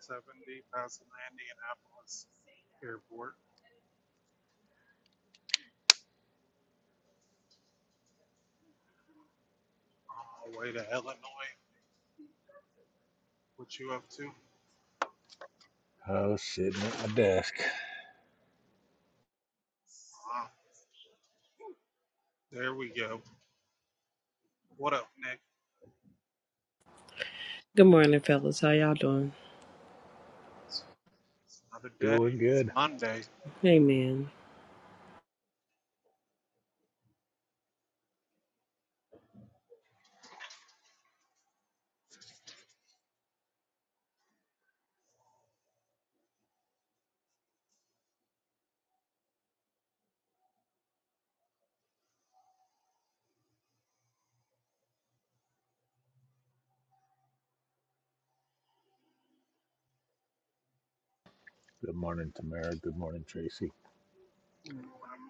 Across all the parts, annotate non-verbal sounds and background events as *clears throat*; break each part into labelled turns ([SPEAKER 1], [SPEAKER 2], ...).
[SPEAKER 1] seventy passing the Indianapolis airport on my way to Illinois. What you up to?
[SPEAKER 2] I was sitting at my desk.
[SPEAKER 1] Uh, there we go. What up, Nick?
[SPEAKER 3] Good morning, fellas. How y'all doing?
[SPEAKER 1] It's another
[SPEAKER 2] Doing
[SPEAKER 1] day. It's
[SPEAKER 2] good.
[SPEAKER 1] Monday.
[SPEAKER 3] Amen.
[SPEAKER 2] Good morning, Tamara. Good morning, Tracy.
[SPEAKER 1] Monday morning.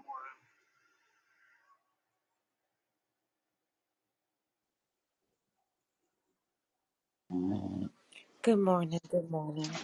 [SPEAKER 4] Good morning. Good morning.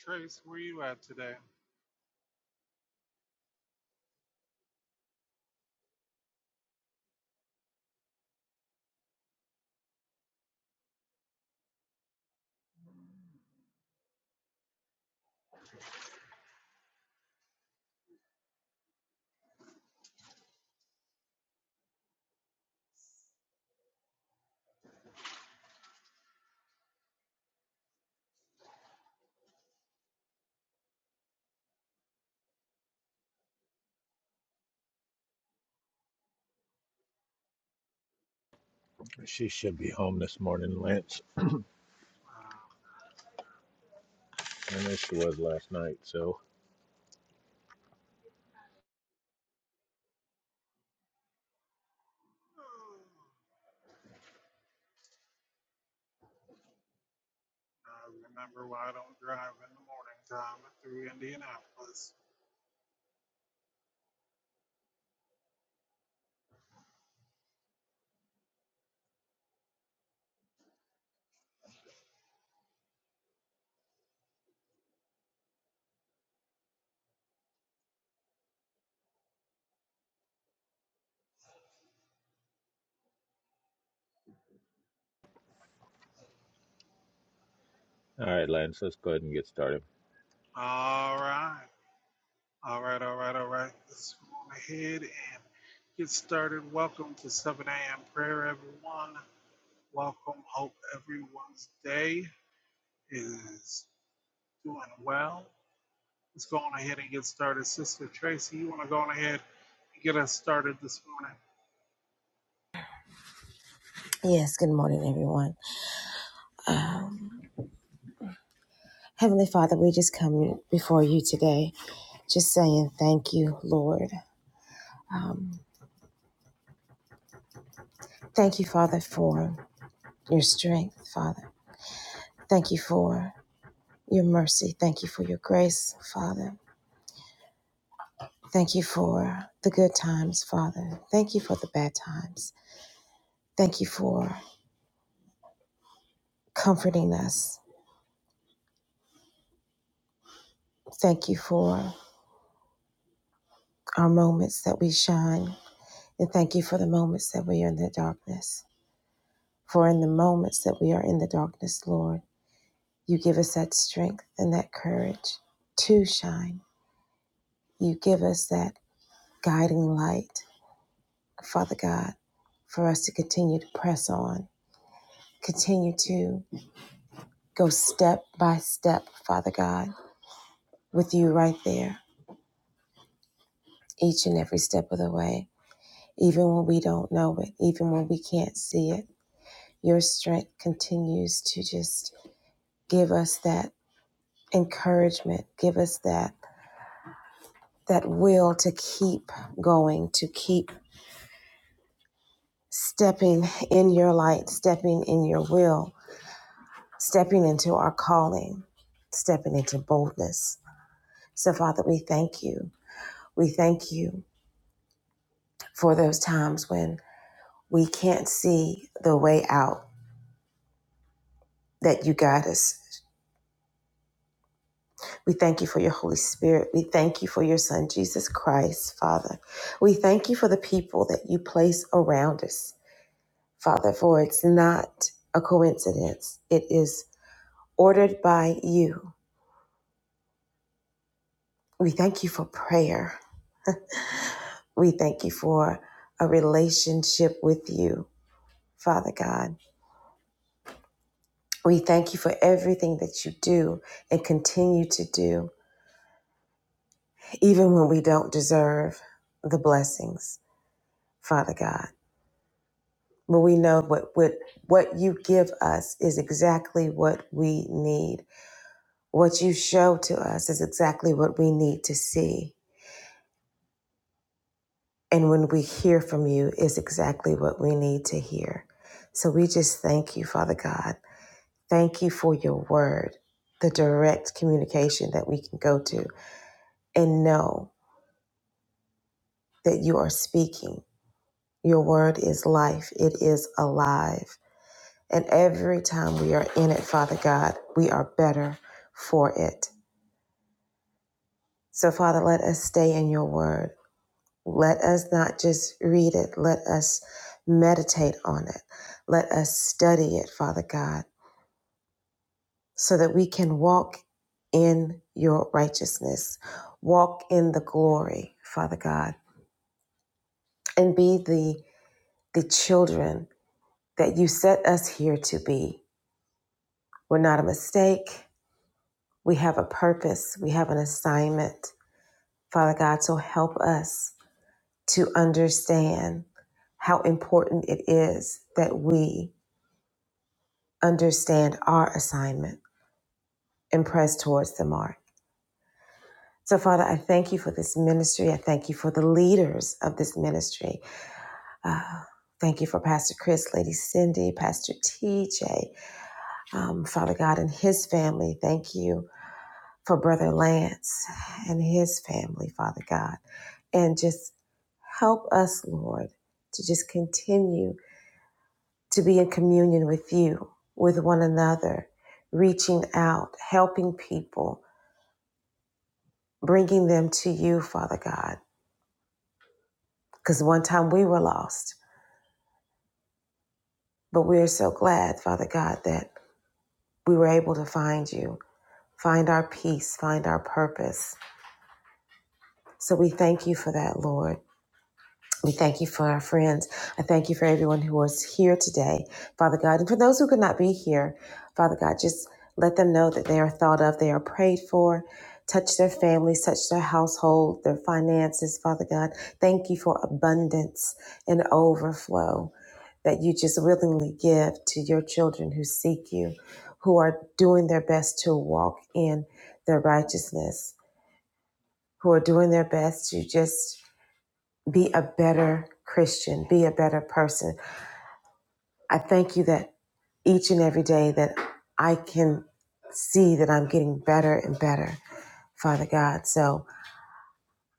[SPEAKER 1] Trace, where you at today?
[SPEAKER 2] She should be home this morning, Lance.
[SPEAKER 1] Uh,
[SPEAKER 2] I know she was last night, so.
[SPEAKER 1] I remember why I don't drive in the morning time through Indianapolis.
[SPEAKER 2] All right, Lance, let's go ahead and get started.
[SPEAKER 1] All right. All right, all right, all right. Let's go ahead and get started. Welcome to 7 a.m. prayer, everyone. Welcome. Hope everyone's day is doing well. Let's go on ahead and get started. Sister Tracy, you want to go on ahead and get us started this morning?
[SPEAKER 4] Yes, good morning, everyone. Um, Heavenly Father, we just come before you today, just saying thank you, Lord. Um, thank you, Father, for your strength, Father. Thank you for your mercy. Thank you for your grace, Father. Thank you for the good times, Father. Thank you for the bad times. Thank you for comforting us. Thank you for our moments that we shine. And thank you for the moments that we are in the darkness. For in the moments that we are in the darkness, Lord, you give us that strength and that courage to shine. You give us that guiding light, Father God, for us to continue to press on, continue to go step by step, Father God, with you right there, each and every step of the way. Even when we don't know it, even when we can't see it, your strength continues to just give us that encouragement, give us that that will to keep going, to keep stepping in your light, stepping in your will, stepping into our calling, stepping into boldness. So, Father, we thank you. We thank you for those times when we can't see the way out that you guide us. We thank you for your Holy Spirit. We thank you for your Son, Jesus Christ, Father. We thank you for the people that you place around us, Father, for it's not a coincidence. It is ordered by you. We thank you for prayer. We thank you for a relationship with you, Father God. We thank you for everything that you do and continue to do, even when we don't deserve the blessings, Father God. But we know what, what, what you give us is exactly what we need. What you show to us is exactly what we need to see. And when we hear from you, is exactly what we need to hear. So we just thank you, Father God. Thank you for your word, the direct communication that we can go to and know that you are speaking. Your word is life, it is alive. And every time we are in it, Father God, we are better for it. So, Father, let us stay in your word. Let us not just read it, let us meditate on it. Let us study it, Father God, so that we can walk in your righteousness, walk in the glory, Father God, and be the, the children that you set us here to be. We're not a mistake. We have a purpose, we have an assignment. Father God, so help us to understand how important it is that we understand our assignment and press towards the mark. So, Father, I thank you for this ministry. I thank you for the leaders of this ministry. Uh, thank you for Pastor Chris, Lady Cindy, Pastor TJ, um, Father God, and his family. Thank you for Brother Lance and his family, Father God. And just help us, Lord, to just continue to be in communion with you, with one another, reaching out, helping people bringing them to you, Father God. Because one time we were lost, but we are so glad, Father God, that we were able to find you, find our peace, find our purpose. So we thank you for that, Lord. We thank you for our friends. I thank you for everyone who was here today, Father God. And for those who could not be here, Father God, just let them know that they are thought of, they are prayed for. Touch their families, touch their household, their finances, Father God. Thank you for abundance and overflow that you just willingly give to your children who seek you, who are doing their best to walk in their righteousness, who are doing their best to just be a better Christian. Be a better person. I thank you that each and every day that I can see that I'm getting better and better, Father God. So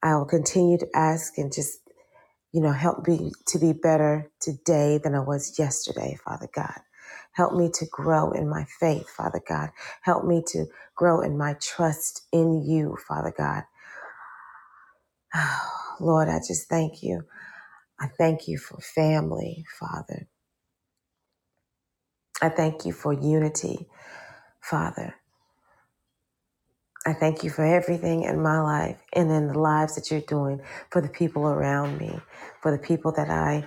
[SPEAKER 4] I will continue to ask and just, you know, help me to be better today than I was yesterday, Father God. Help me to grow in my faith, Father God. Help me to grow in my trust in you, Father God. *sighs* Lord, I just thank you. I thank you for family, Father. I thank you for unity, Father. I thank you for everything in my life and in the lives that you're doing for the people around me, for the people that I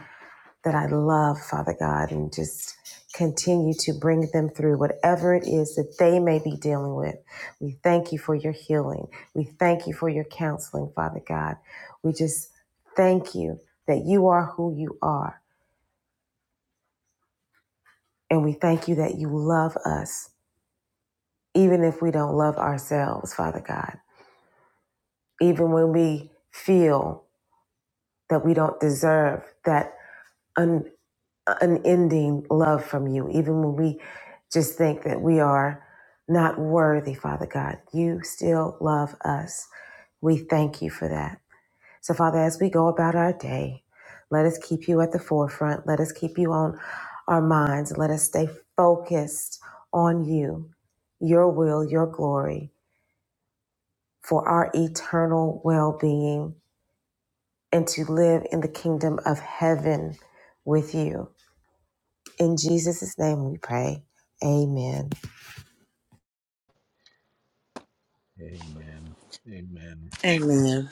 [SPEAKER 4] that I love, Father God, and just continue to bring them through whatever it is that they may be dealing with. We thank you for your healing. We thank you for your counseling, Father God. We just thank you that you are who you are, and we thank you that you love us even if we don't love ourselves, Father God. even when we feel that we don't deserve that un- unending love from you, even when we just think that we are not worthy, Father God, you still love us. We thank you for that. So, Father, as we go about our day, let us keep you at the forefront. Let us keep you on our minds. Let us stay focused on you, your will, your glory, for our eternal well being and to live in the kingdom of heaven with you. In Jesus' name we pray. Amen.
[SPEAKER 2] Amen. Amen.
[SPEAKER 3] Amen.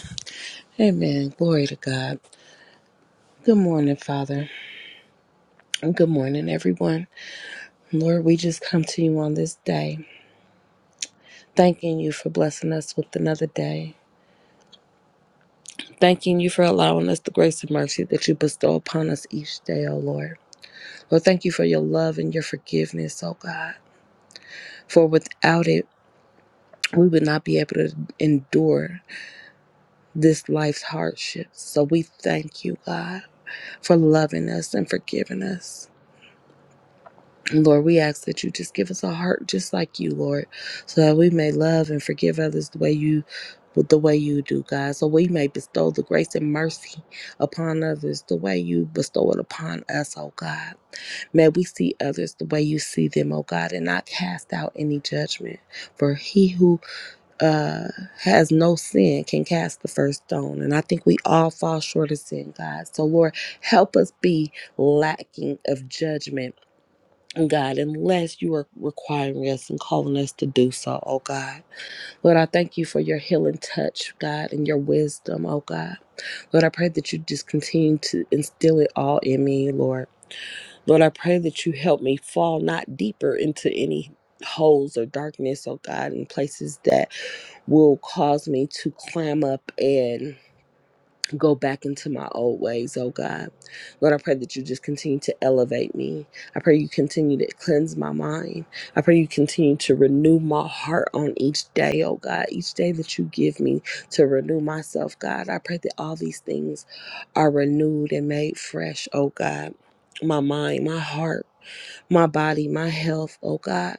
[SPEAKER 3] Amen. Glory to God. Good morning, Father. And good morning, everyone. Lord, we just come to you on this day, thanking you for blessing us with another day. Thanking you for allowing us the grace and mercy that you bestow upon us each day, O Lord. Lord, thank you for your love and your forgiveness, O God. For without it, we would not be able to endure this life's hardships. So we thank you, God. for loving us and forgiving us. And Lord, we ask that you just give us a heart just like you, Lord, so that we may love and forgive others the way you the way you do, God. So we may bestow the grace and mercy upon others the way you bestow it upon us, oh God. May we see others the way you see them, oh God, and not cast out any judgment. For he who uh, has no sin can cast the first stone. And I think we all fall short of sin, God. So, Lord, help us be lacking of judgment, God, unless you are requiring us and calling us to do so, oh God. Lord, I thank you for your healing touch, God, and your wisdom, oh God. Lord, I pray that you just continue to instill it all in me, Lord. Lord, I pray that you help me fall not deeper into any holes or darkness, oh God, in places that will cause me to clam up and go back into my old ways, oh God. Lord, I pray that you just continue to elevate me. I pray you continue to cleanse my mind. I pray you continue to renew my heart on each day, oh God. Each day that you give me to renew myself, God. I pray that all these things are renewed and made fresh, oh God. My mind, my heart, my body, my health, oh God.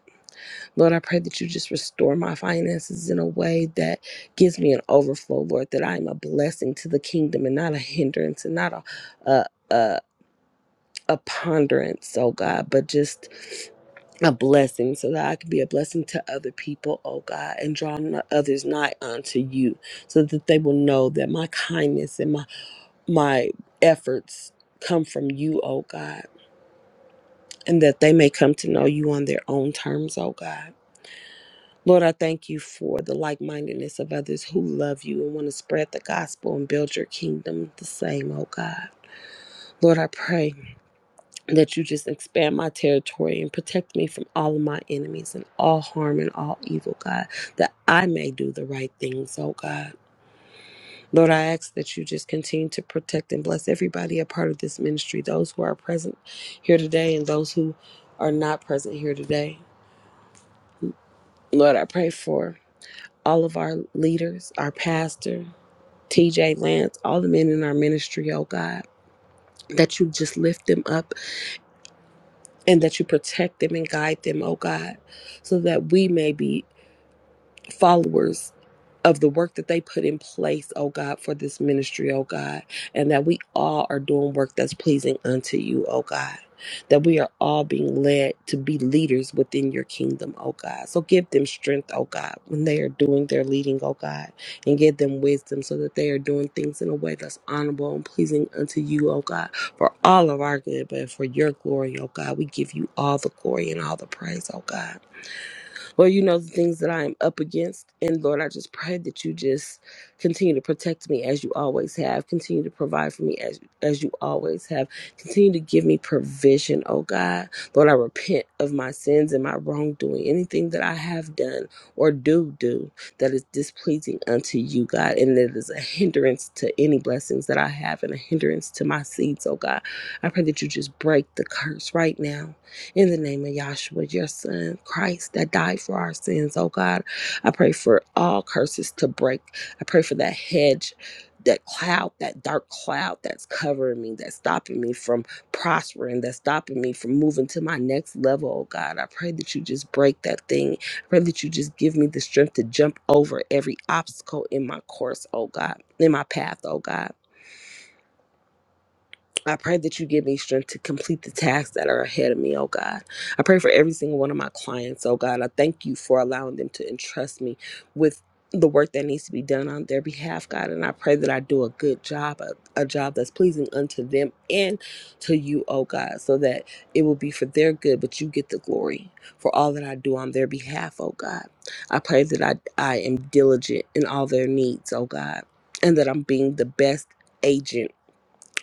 [SPEAKER 3] Lord, I pray that you just restore my finances in a way that gives me an overflow, Lord, that I am a blessing to the kingdom and not a hindrance and not a, a, a, a ponderance, oh God, but just a blessing so that I can be a blessing to other people, oh God, and draw n- others nigh unto you so that they will know that my kindness and my, my efforts come from you, oh God, and that they may come to know you on their own terms, oh God. Lord, I thank you for the like mindedness of others who love you and want to spread the gospel and build your kingdom the same, oh God. Lord, I pray that you just expand my territory and protect me from all of my enemies and all harm and all evil, God, that I may do the right things, oh God. Lord, I ask that you just continue to protect and bless everybody a part of this ministry, those who are present here today and those who are not present here today. Lord, I pray for all of our leaders, our pastor. TJ Lance, all the men in our ministry, oh God, that you just lift them up and that you protect them and guide them, oh God, so that we may be followers of the work that they put in place, oh God, for this ministry, oh God, and that we all are doing work that's pleasing unto you, oh God. That we are all being led to be leaders within your kingdom, oh God. So give them strength, oh God, when they are doing their leading, oh God, and give them wisdom so that they are doing things in a way that's honorable and pleasing unto you, oh God, for all of our good, but for your glory, oh God. We give you all the glory and all the praise, oh God. Lord, you know the things that I am up against. And Lord, I just pray that you just continue to protect me as you always have. Continue to provide for me as, as you always have. Continue to give me provision, oh God. Lord, I repent of my sins and my wrongdoing, anything that I have done or do do that is displeasing unto you, God, and that is a hindrance to any blessings that I have and a hindrance to my seeds, oh God. I pray that you just break the curse right now in the name of Yahshua, your son, Christ, that died for our sins, oh God, I pray for all curses to break. I pray for that hedge. That cloud, that dark cloud that's covering me, that's stopping me from prospering, that's stopping me from moving to my next level, oh God. I pray that you just break that thing. I pray that you just give me the strength to jump over every obstacle in my course, oh God, in my path, oh God. I pray that you give me strength to complete the tasks that are ahead of me, oh God. I pray for every single one of my clients, oh God. I thank you for allowing them to entrust me with the work that needs to be done on their behalf, God. And I pray that I do a good job, a, a job that's pleasing unto them and to you, oh God, so that it will be for their good, but you get the glory for all that I do on their behalf, oh God. I pray that I, I am diligent in all their needs, oh God, and that I'm being the best agent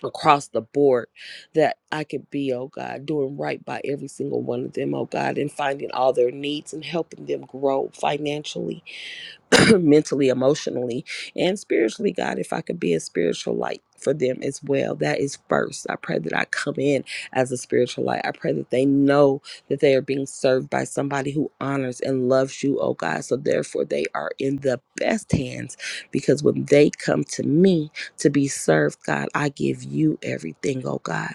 [SPEAKER 3] across the board that I could be, oh God, doing right by every single one of them, oh God, and finding all their needs and helping them grow financially *clears throat* mentally, emotionally, and spiritually, God, if I could be a spiritual light for them as well, that is first. I pray that I come in as a spiritual light. I pray that they know that they are being served by somebody who honors and loves you, oh God. So therefore, they are in the best hands because when they come to me to be served, God, I give you everything, oh God.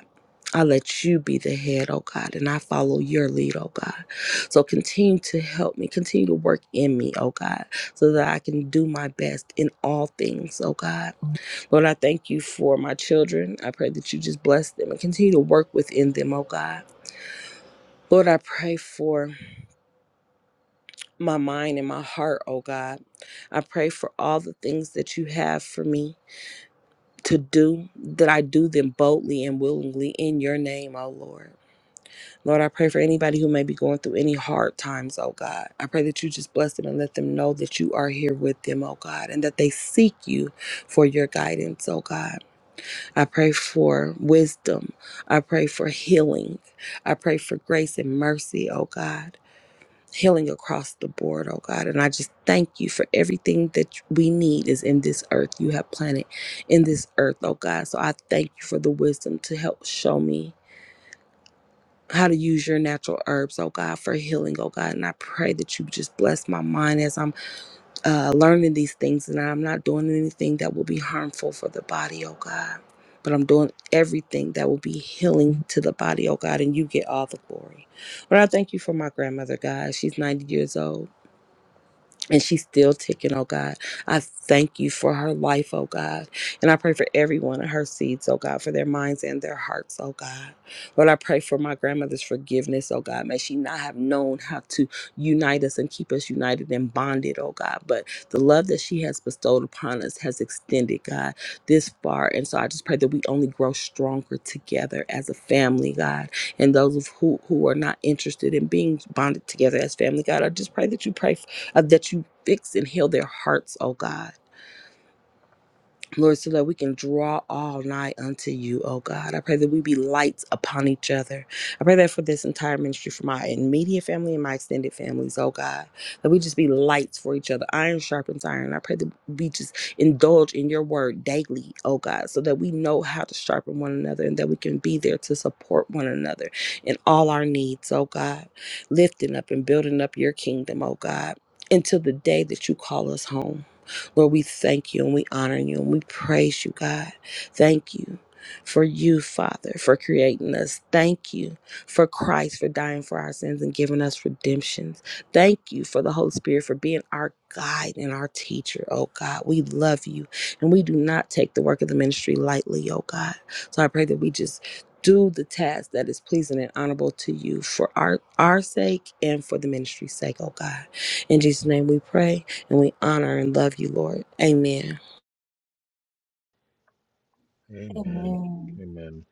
[SPEAKER 3] I let you be the head, oh God, and I follow your lead, oh God. So continue to help me, continue to work in me, oh God, so that I can do my best in all things, oh God. Lord, I thank you for my children. I pray that you just bless them and continue to work within them, oh God. Lord, I pray for my mind and my heart, oh God. I pray for all the things that you have for me to do, that I do them boldly and willingly in your name, oh Lord. Lord, I pray for anybody who may be going through any hard times, oh God. I pray that you just bless them and let them know that you are here with them, oh God, and that they seek you for your guidance, oh God. I pray for wisdom. I pray for healing. I pray for grace and mercy, oh God. Healing across the board, oh God. And I just thank you for everything that we need is in this earth. You have planted in this earth, oh God. So I thank you for the wisdom to help show me how to use your natural herbs, oh God, for healing, oh God. And I pray that you just bless my mind as I'm uh, learning these things and I'm not doing anything that will be harmful for the body, oh God. But I'm doing everything that will be healing to the body, oh God, and you get all the glory. But I thank you for my grandmother, God. She's 90 years old and she's still ticking, oh God. I thank you for her life, oh God. And I pray for everyone and her seeds, oh God, for their minds and their hearts, oh God. Lord, I pray for my grandmother's forgiveness, oh God. May she not have known how to unite us and keep us united and bonded, oh God. But the love that she has bestowed upon us has extended, God, this far. And so I just pray that we only grow stronger together as a family, God. And those of who, who are not interested in being bonded together as family, God, I just pray that you pray uh, that you fix and heal their hearts, oh God. Lord, so that we can draw all nigh unto you, oh God. I pray that we be lights upon each other. I pray that for this entire ministry, for my immediate family and my extended families, oh God, that we just be lights for each other. Iron sharpens iron. I pray that we just indulge in your word daily, oh God, so that we know how to sharpen one another and that we can be there to support one another in all our needs, oh God, lifting up and building up your kingdom, oh God, until the day that you call us home. Lord, we thank you and we honor you and we praise you, God. Thank you for you, Father, for creating us. Thank you for Christ for dying for our sins and giving us redemptions. Thank you for the Holy Spirit for being our guide and our teacher, oh God. We love you and we do not take the work of the ministry lightly, oh God. So I pray that we just do the task that is pleasing and honorable to you for our our sake and for the ministry's sake, oh God. In Jesus' name we pray. And we honor and love you, Lord. Amen.
[SPEAKER 2] Amen.
[SPEAKER 4] Amen.
[SPEAKER 2] Amen.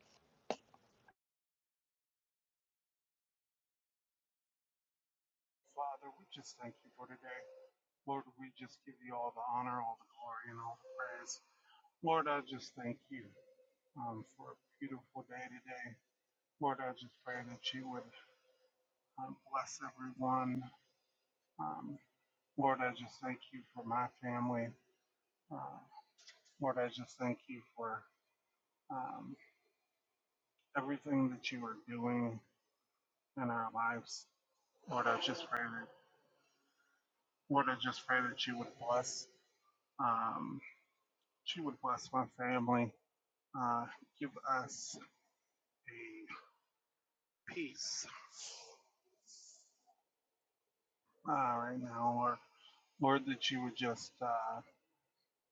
[SPEAKER 1] Father, we just thank you for today. Lord, we just give you all the honor, all the glory, and all the praise. Lord, I just thank you um, for a beautiful day today. Lord, I just pray that you would um, bless everyone. Um, Lord, I just thank you for my family. Uh, Lord, I just thank you for. um, everything that you are doing in our lives. Lord, I just pray that, Lord, I just pray that you would bless, um, that you would bless my family, uh, give us a peace uh, right now, Lord. Lord, that you would just uh,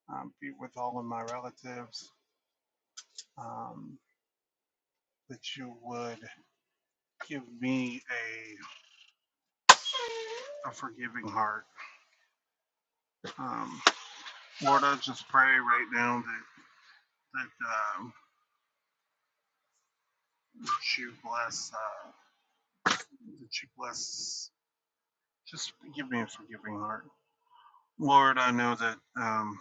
[SPEAKER 1] um, be with all of my relatives, um, that you would give me a, a forgiving heart. Um, Lord, I just pray right now that, that um, She bless, uh, that you bless. Just give me a forgiving heart, Lord. I know that um,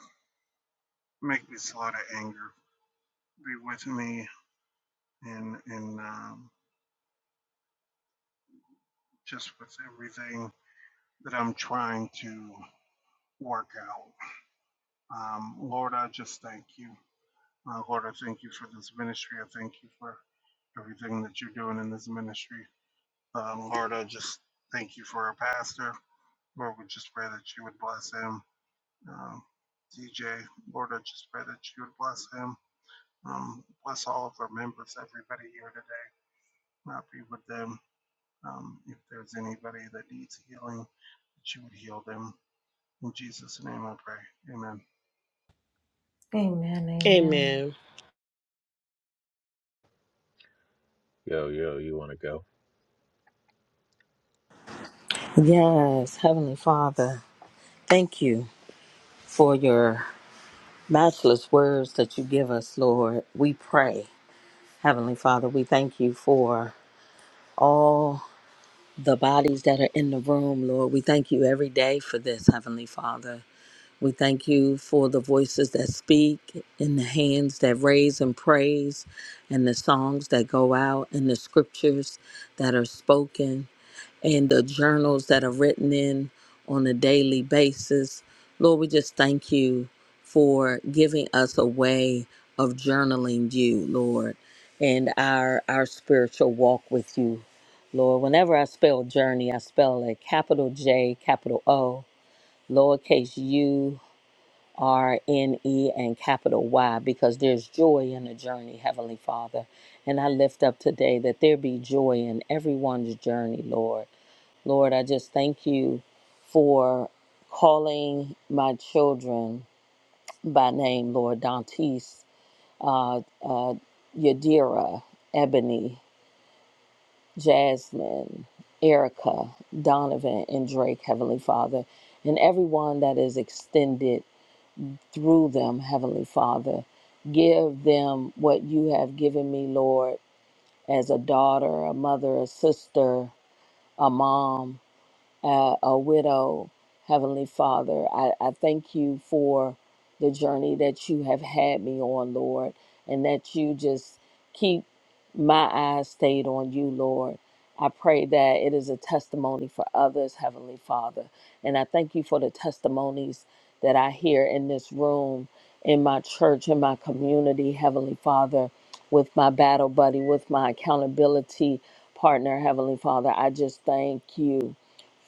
[SPEAKER 1] make me slow to anger. Be with me in in um, just with everything that I'm trying to work out. Um, Lord, I just thank you. Uh, Lord, I thank you for this ministry. I thank you for everything that you're doing in this ministry. Um, Lord, I just thank you for our pastor. Lord, we just pray that you would bless him um, DJ. Lord, I just pray that you would bless him. Um, bless all of our members, everybody here today. Not be with them. Um, if there's anybody that needs healing, that you would heal them. In Jesus' name I pray. Amen.
[SPEAKER 4] Amen. Amen.
[SPEAKER 3] Amen.
[SPEAKER 2] Yo, yo, you want to go?
[SPEAKER 5] Yes, Heavenly Father, thank you for your matchless words that you give us, Lord. We pray, Heavenly Father, we thank you for all the bodies that are in the room, Lord. We thank you every day for this, Heavenly Father. We thank you for the voices that speak and the hands that raise and praise and the songs that go out and the scriptures that are spoken. and the journals that are written in on a daily basis. Lord, we just thank you for giving us a way of journaling you, Lord, and our our spiritual walk with you. Lord, whenever I spell journey, I spell a capital J, capital O, lowercase u, R, N, E, and capital Y, because there's joy in the journey, Heavenly Father. And I lift up today that there be joy in everyone's journey, Lord Lord, I just thank you for calling my children by name, Lord Dantes, uh, uh, Yadira, Ebony, Jasmine, Erica, Donovan, and Drake, Heavenly Father, and everyone that is extended through them, Heavenly Father. Give them what you have given me, Lord, as a daughter, a mother, a sister, a mom, uh, a widow, Heavenly Father. I, I thank you for the journey that you have had me on, Lord, and that you just keep my eyes stayed on you, Lord. I pray that it is a testimony for others, Heavenly Father. And I thank you for the testimonies that I hear in this room, in my church, in my community, Heavenly Father, with my battle buddy, with my accountability partner, Heavenly Father. I just thank you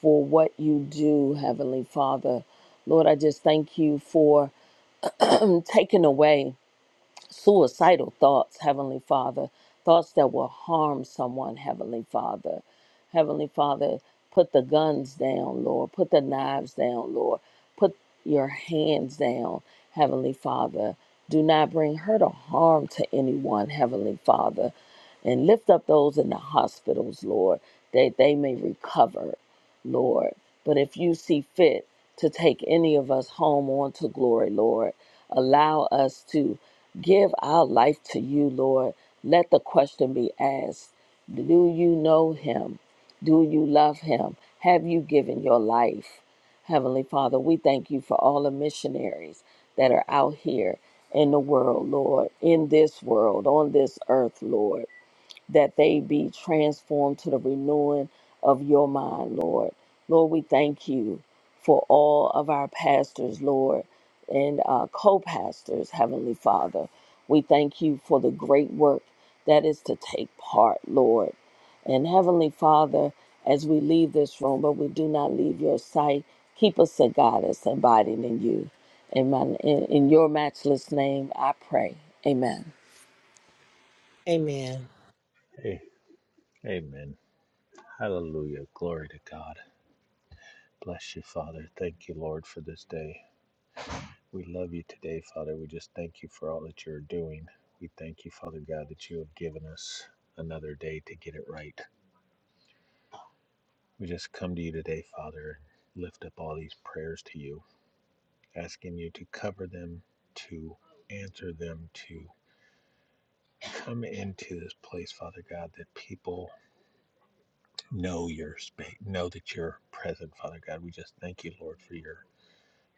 [SPEAKER 5] for what you do, Heavenly Father. Lord, I just thank you for taking away suicidal thoughts, Heavenly Father, thoughts that will harm someone, Heavenly Father. Heavenly Father, put the guns down, Lord. Put the knives down, Lord. Put your hands down, Heavenly Father. Do not bring hurt or harm to anyone, Heavenly Father. And lift up those in the hospitals, Lord, that they may recover Lord. But if you see fit to take any of us home onto glory, Lord, allow us to give our life to you, Lord. Let the question be asked Do you know him? Do you love him? Have you given your life? Heavenly Father, we thank you for all the missionaries that are out here in the world, Lord, in this world, on this earth, Lord that they be transformed to the renewing of your mind, Lord. Lord, we thank you for all of our pastors, Lord, and uh, co pastors, Heavenly Father. We thank you for the great work that is to take part, Lord. And Heavenly Father, as we leave this room, but we do not leave your sight, keep us a goddess abiding in you. In, my, in, in your matchless name, I pray. Amen.
[SPEAKER 3] Amen.
[SPEAKER 2] Hey. Amen. Hallelujah. Glory to God. Bless you, Father. Thank you, Lord, for this day. We love you today, Father. We just thank you for all that you're doing. We thank you, Father God, that you have given us another day to get it right. We just come to you today, Father, and lift up all these prayers to you, asking you to cover them, to answer them, to come into this place, Father God, that people know your space, know that you're present, Father God. We just thank you, Lord, for your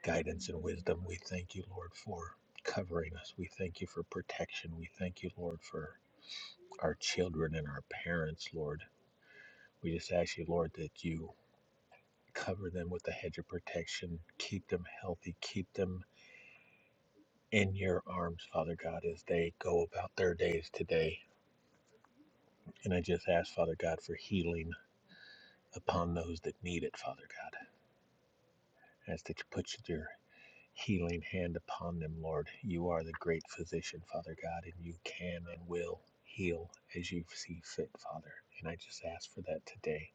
[SPEAKER 2] guidance and wisdom. We thank you, Lord, for covering us. We thank you for protection. We thank you, Lord, for our children and our parents, Lord. We just ask you, Lord, that you cover them with the hedge of protection, keep them healthy, keep them in your arms, Father God, as they go about their days today. And I just ask, Father God, for healing upon those that need it, Father God. I ask that you put your healing hand upon them, Lord. You are the great physician, Father God, and you can and will heal as you see fit, Father. And I just ask for that today.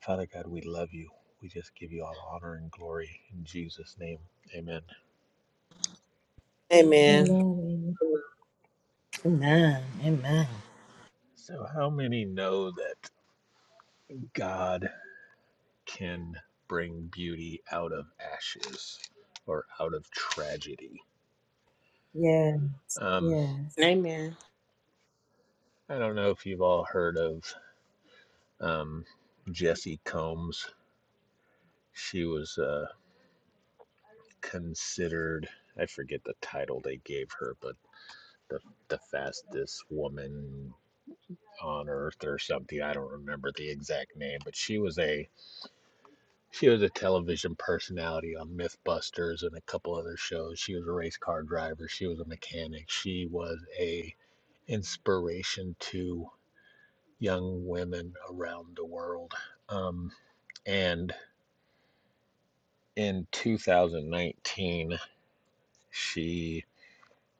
[SPEAKER 2] Father God, we love you. We just give you all honor and glory in Jesus' name. Amen.
[SPEAKER 3] Amen.
[SPEAKER 4] Amen.
[SPEAKER 5] Amen. Amen.
[SPEAKER 2] So, how many know that God? can bring beauty out of ashes or out of tragedy.
[SPEAKER 4] Yeah.
[SPEAKER 2] Um,
[SPEAKER 4] Yes.
[SPEAKER 3] Amen.
[SPEAKER 2] I don't know if you've all heard of um, Jesse Combs. She was uh, considered, I forget the title they gave her, but the, the fastest woman on earth or something. I don't remember the exact name, but she was a she was a television personality on MythBusters and a couple other shows. She was a race car driver. She was a mechanic. She was a inspiration to young women around the world. Um, and in 2019, she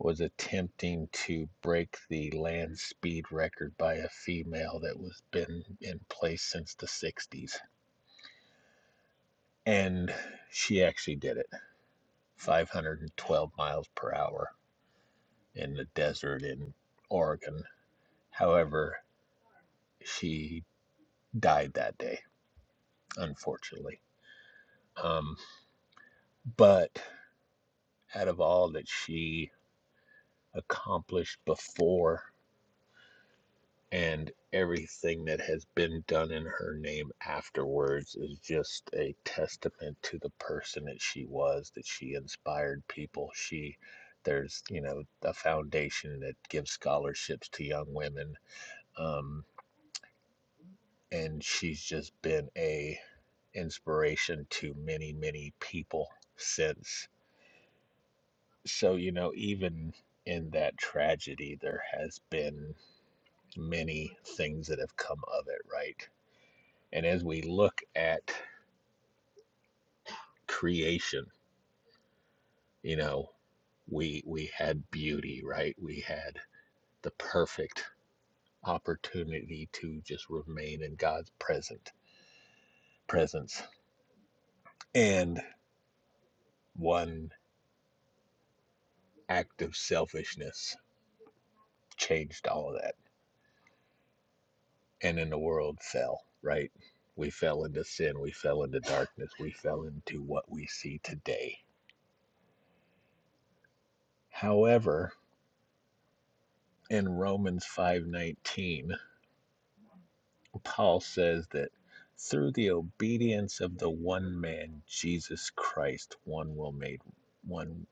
[SPEAKER 2] was attempting to break the land speed record by a female that was been in place since the 60s. And she actually did it 512 miles per hour in the desert in Oregon. However, she died that day, unfortunately. Um, but out of all that she accomplished before and everything that has been done in her name afterwards is just a testament to the person that she was that she inspired people she there's you know a foundation that gives scholarships to young women um, and she's just been a inspiration to many many people since so you know even in that tragedy there has been many things that have come of it, right? And as we look at creation, you know, we we had beauty, right? We had the perfect opportunity to just remain in God's present presence. And one act of selfishness changed all of that. And then the world fell, right? We fell into sin, we fell into darkness, we fell into what we see today. However, in Romans 5:19, Paul says that through the obedience of the one man, Jesus Christ, one will made one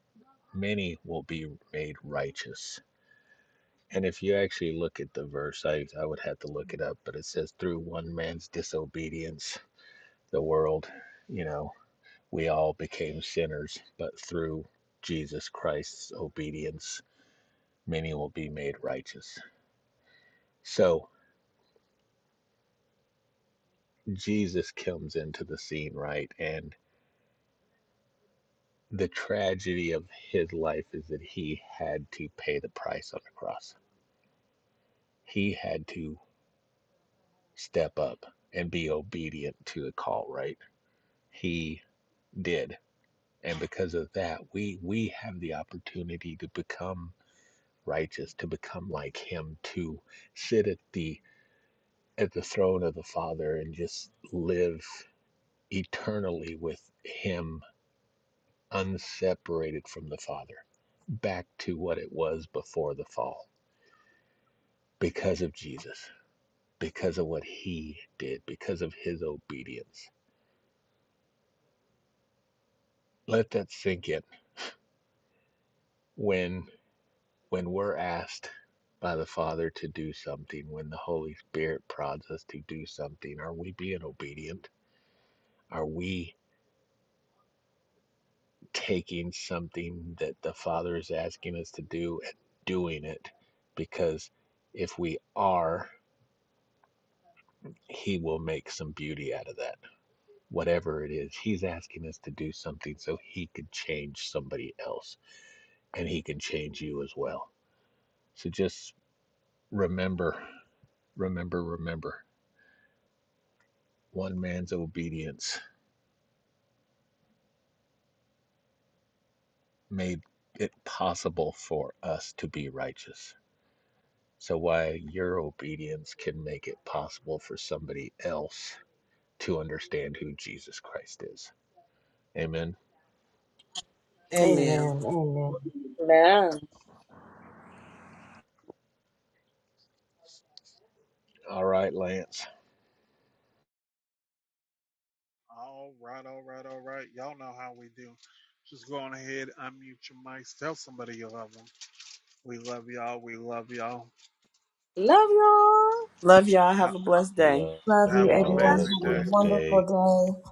[SPEAKER 2] many will be made righteous. And if you actually look at the verse, I, I would have to look it up, but it says through one man's disobedience, the world, you know, we all became sinners, but through Jesus Christ's obedience, many will be made righteous. So Jesus comes into the scene, right? And the tragedy of his life is that he had to pay the price on the cross. He had to step up and be obedient to the call, right? He did. And because of that, we we have the opportunity to become righteous, to become like him, to sit at the at the throne of the Father and just live eternally with him unseparated from the Father, back to what it was before the fall because of Jesus, because of what he did, because of his obedience. Let that sink in. When when we're asked by the Father to do something, when the Holy Spirit prods us to do something, are we being obedient? Are we taking something that the Father is asking us to do and doing it? Because if we are, he will make some beauty out of that. Whatever it is, he's asking us to do something so he could change somebody else and he can change you as well. So just remember, remember, remember one man's obedience made it possible for us to be righteous. So, why your obedience can make it possible for somebody else to understand who Jesus Christ is. Amen.
[SPEAKER 3] Amen.
[SPEAKER 4] Amen. Amen.
[SPEAKER 5] Amen.
[SPEAKER 2] All right, Lance.
[SPEAKER 1] All right, all right, all right. Y'all know how we do. Just go on ahead, unmute your mics, tell somebody you love them. We love y'all. We love y'all.
[SPEAKER 5] Love y'all.
[SPEAKER 3] Love y'all.
[SPEAKER 1] Ha-
[SPEAKER 3] Have a blessed day.
[SPEAKER 2] Love
[SPEAKER 4] Love you,
[SPEAKER 1] have an
[SPEAKER 2] y'all.
[SPEAKER 4] everyone.
[SPEAKER 2] Have a
[SPEAKER 1] amazing
[SPEAKER 4] Have a
[SPEAKER 1] day.
[SPEAKER 2] blessed
[SPEAKER 4] wonderful
[SPEAKER 2] day.
[SPEAKER 4] day.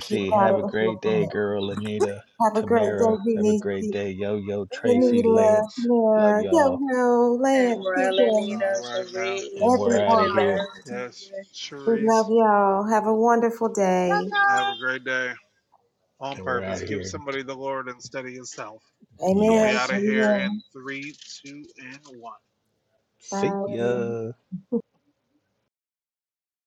[SPEAKER 4] Keep out
[SPEAKER 2] have
[SPEAKER 4] of
[SPEAKER 2] a
[SPEAKER 4] the
[SPEAKER 2] great day,
[SPEAKER 4] forefront.
[SPEAKER 2] girl. Anita,
[SPEAKER 4] Have a great day,
[SPEAKER 2] Tamara, have a great
[SPEAKER 4] Benicia,
[SPEAKER 2] day. Yo, yo, Tracy,
[SPEAKER 4] Lenita,
[SPEAKER 2] Lance. Love
[SPEAKER 4] Mara,
[SPEAKER 2] y'all.
[SPEAKER 4] Yo Yo, Lance,
[SPEAKER 5] Emerald,
[SPEAKER 4] TJ,
[SPEAKER 5] Anita,
[SPEAKER 1] All right now.
[SPEAKER 2] And
[SPEAKER 5] Reese,
[SPEAKER 2] we're out
[SPEAKER 4] everyone.
[SPEAKER 2] of here.
[SPEAKER 5] Priscilla,
[SPEAKER 1] Yes,
[SPEAKER 5] Love
[SPEAKER 4] We love
[SPEAKER 1] Cherise,
[SPEAKER 4] y'all. Have a wonderful day.
[SPEAKER 5] y'all.
[SPEAKER 1] have a great day. on
[SPEAKER 2] And we're out
[SPEAKER 1] purpose.
[SPEAKER 2] of
[SPEAKER 1] Give
[SPEAKER 2] here.
[SPEAKER 1] somebody the Lord instead of yourself. And we
[SPEAKER 4] Amen.
[SPEAKER 1] out
[SPEAKER 2] Yes.
[SPEAKER 1] of here
[SPEAKER 4] Amen.
[SPEAKER 1] in three, two, and one.
[SPEAKER 2] See
[SPEAKER 4] Bye.
[SPEAKER 2] ya.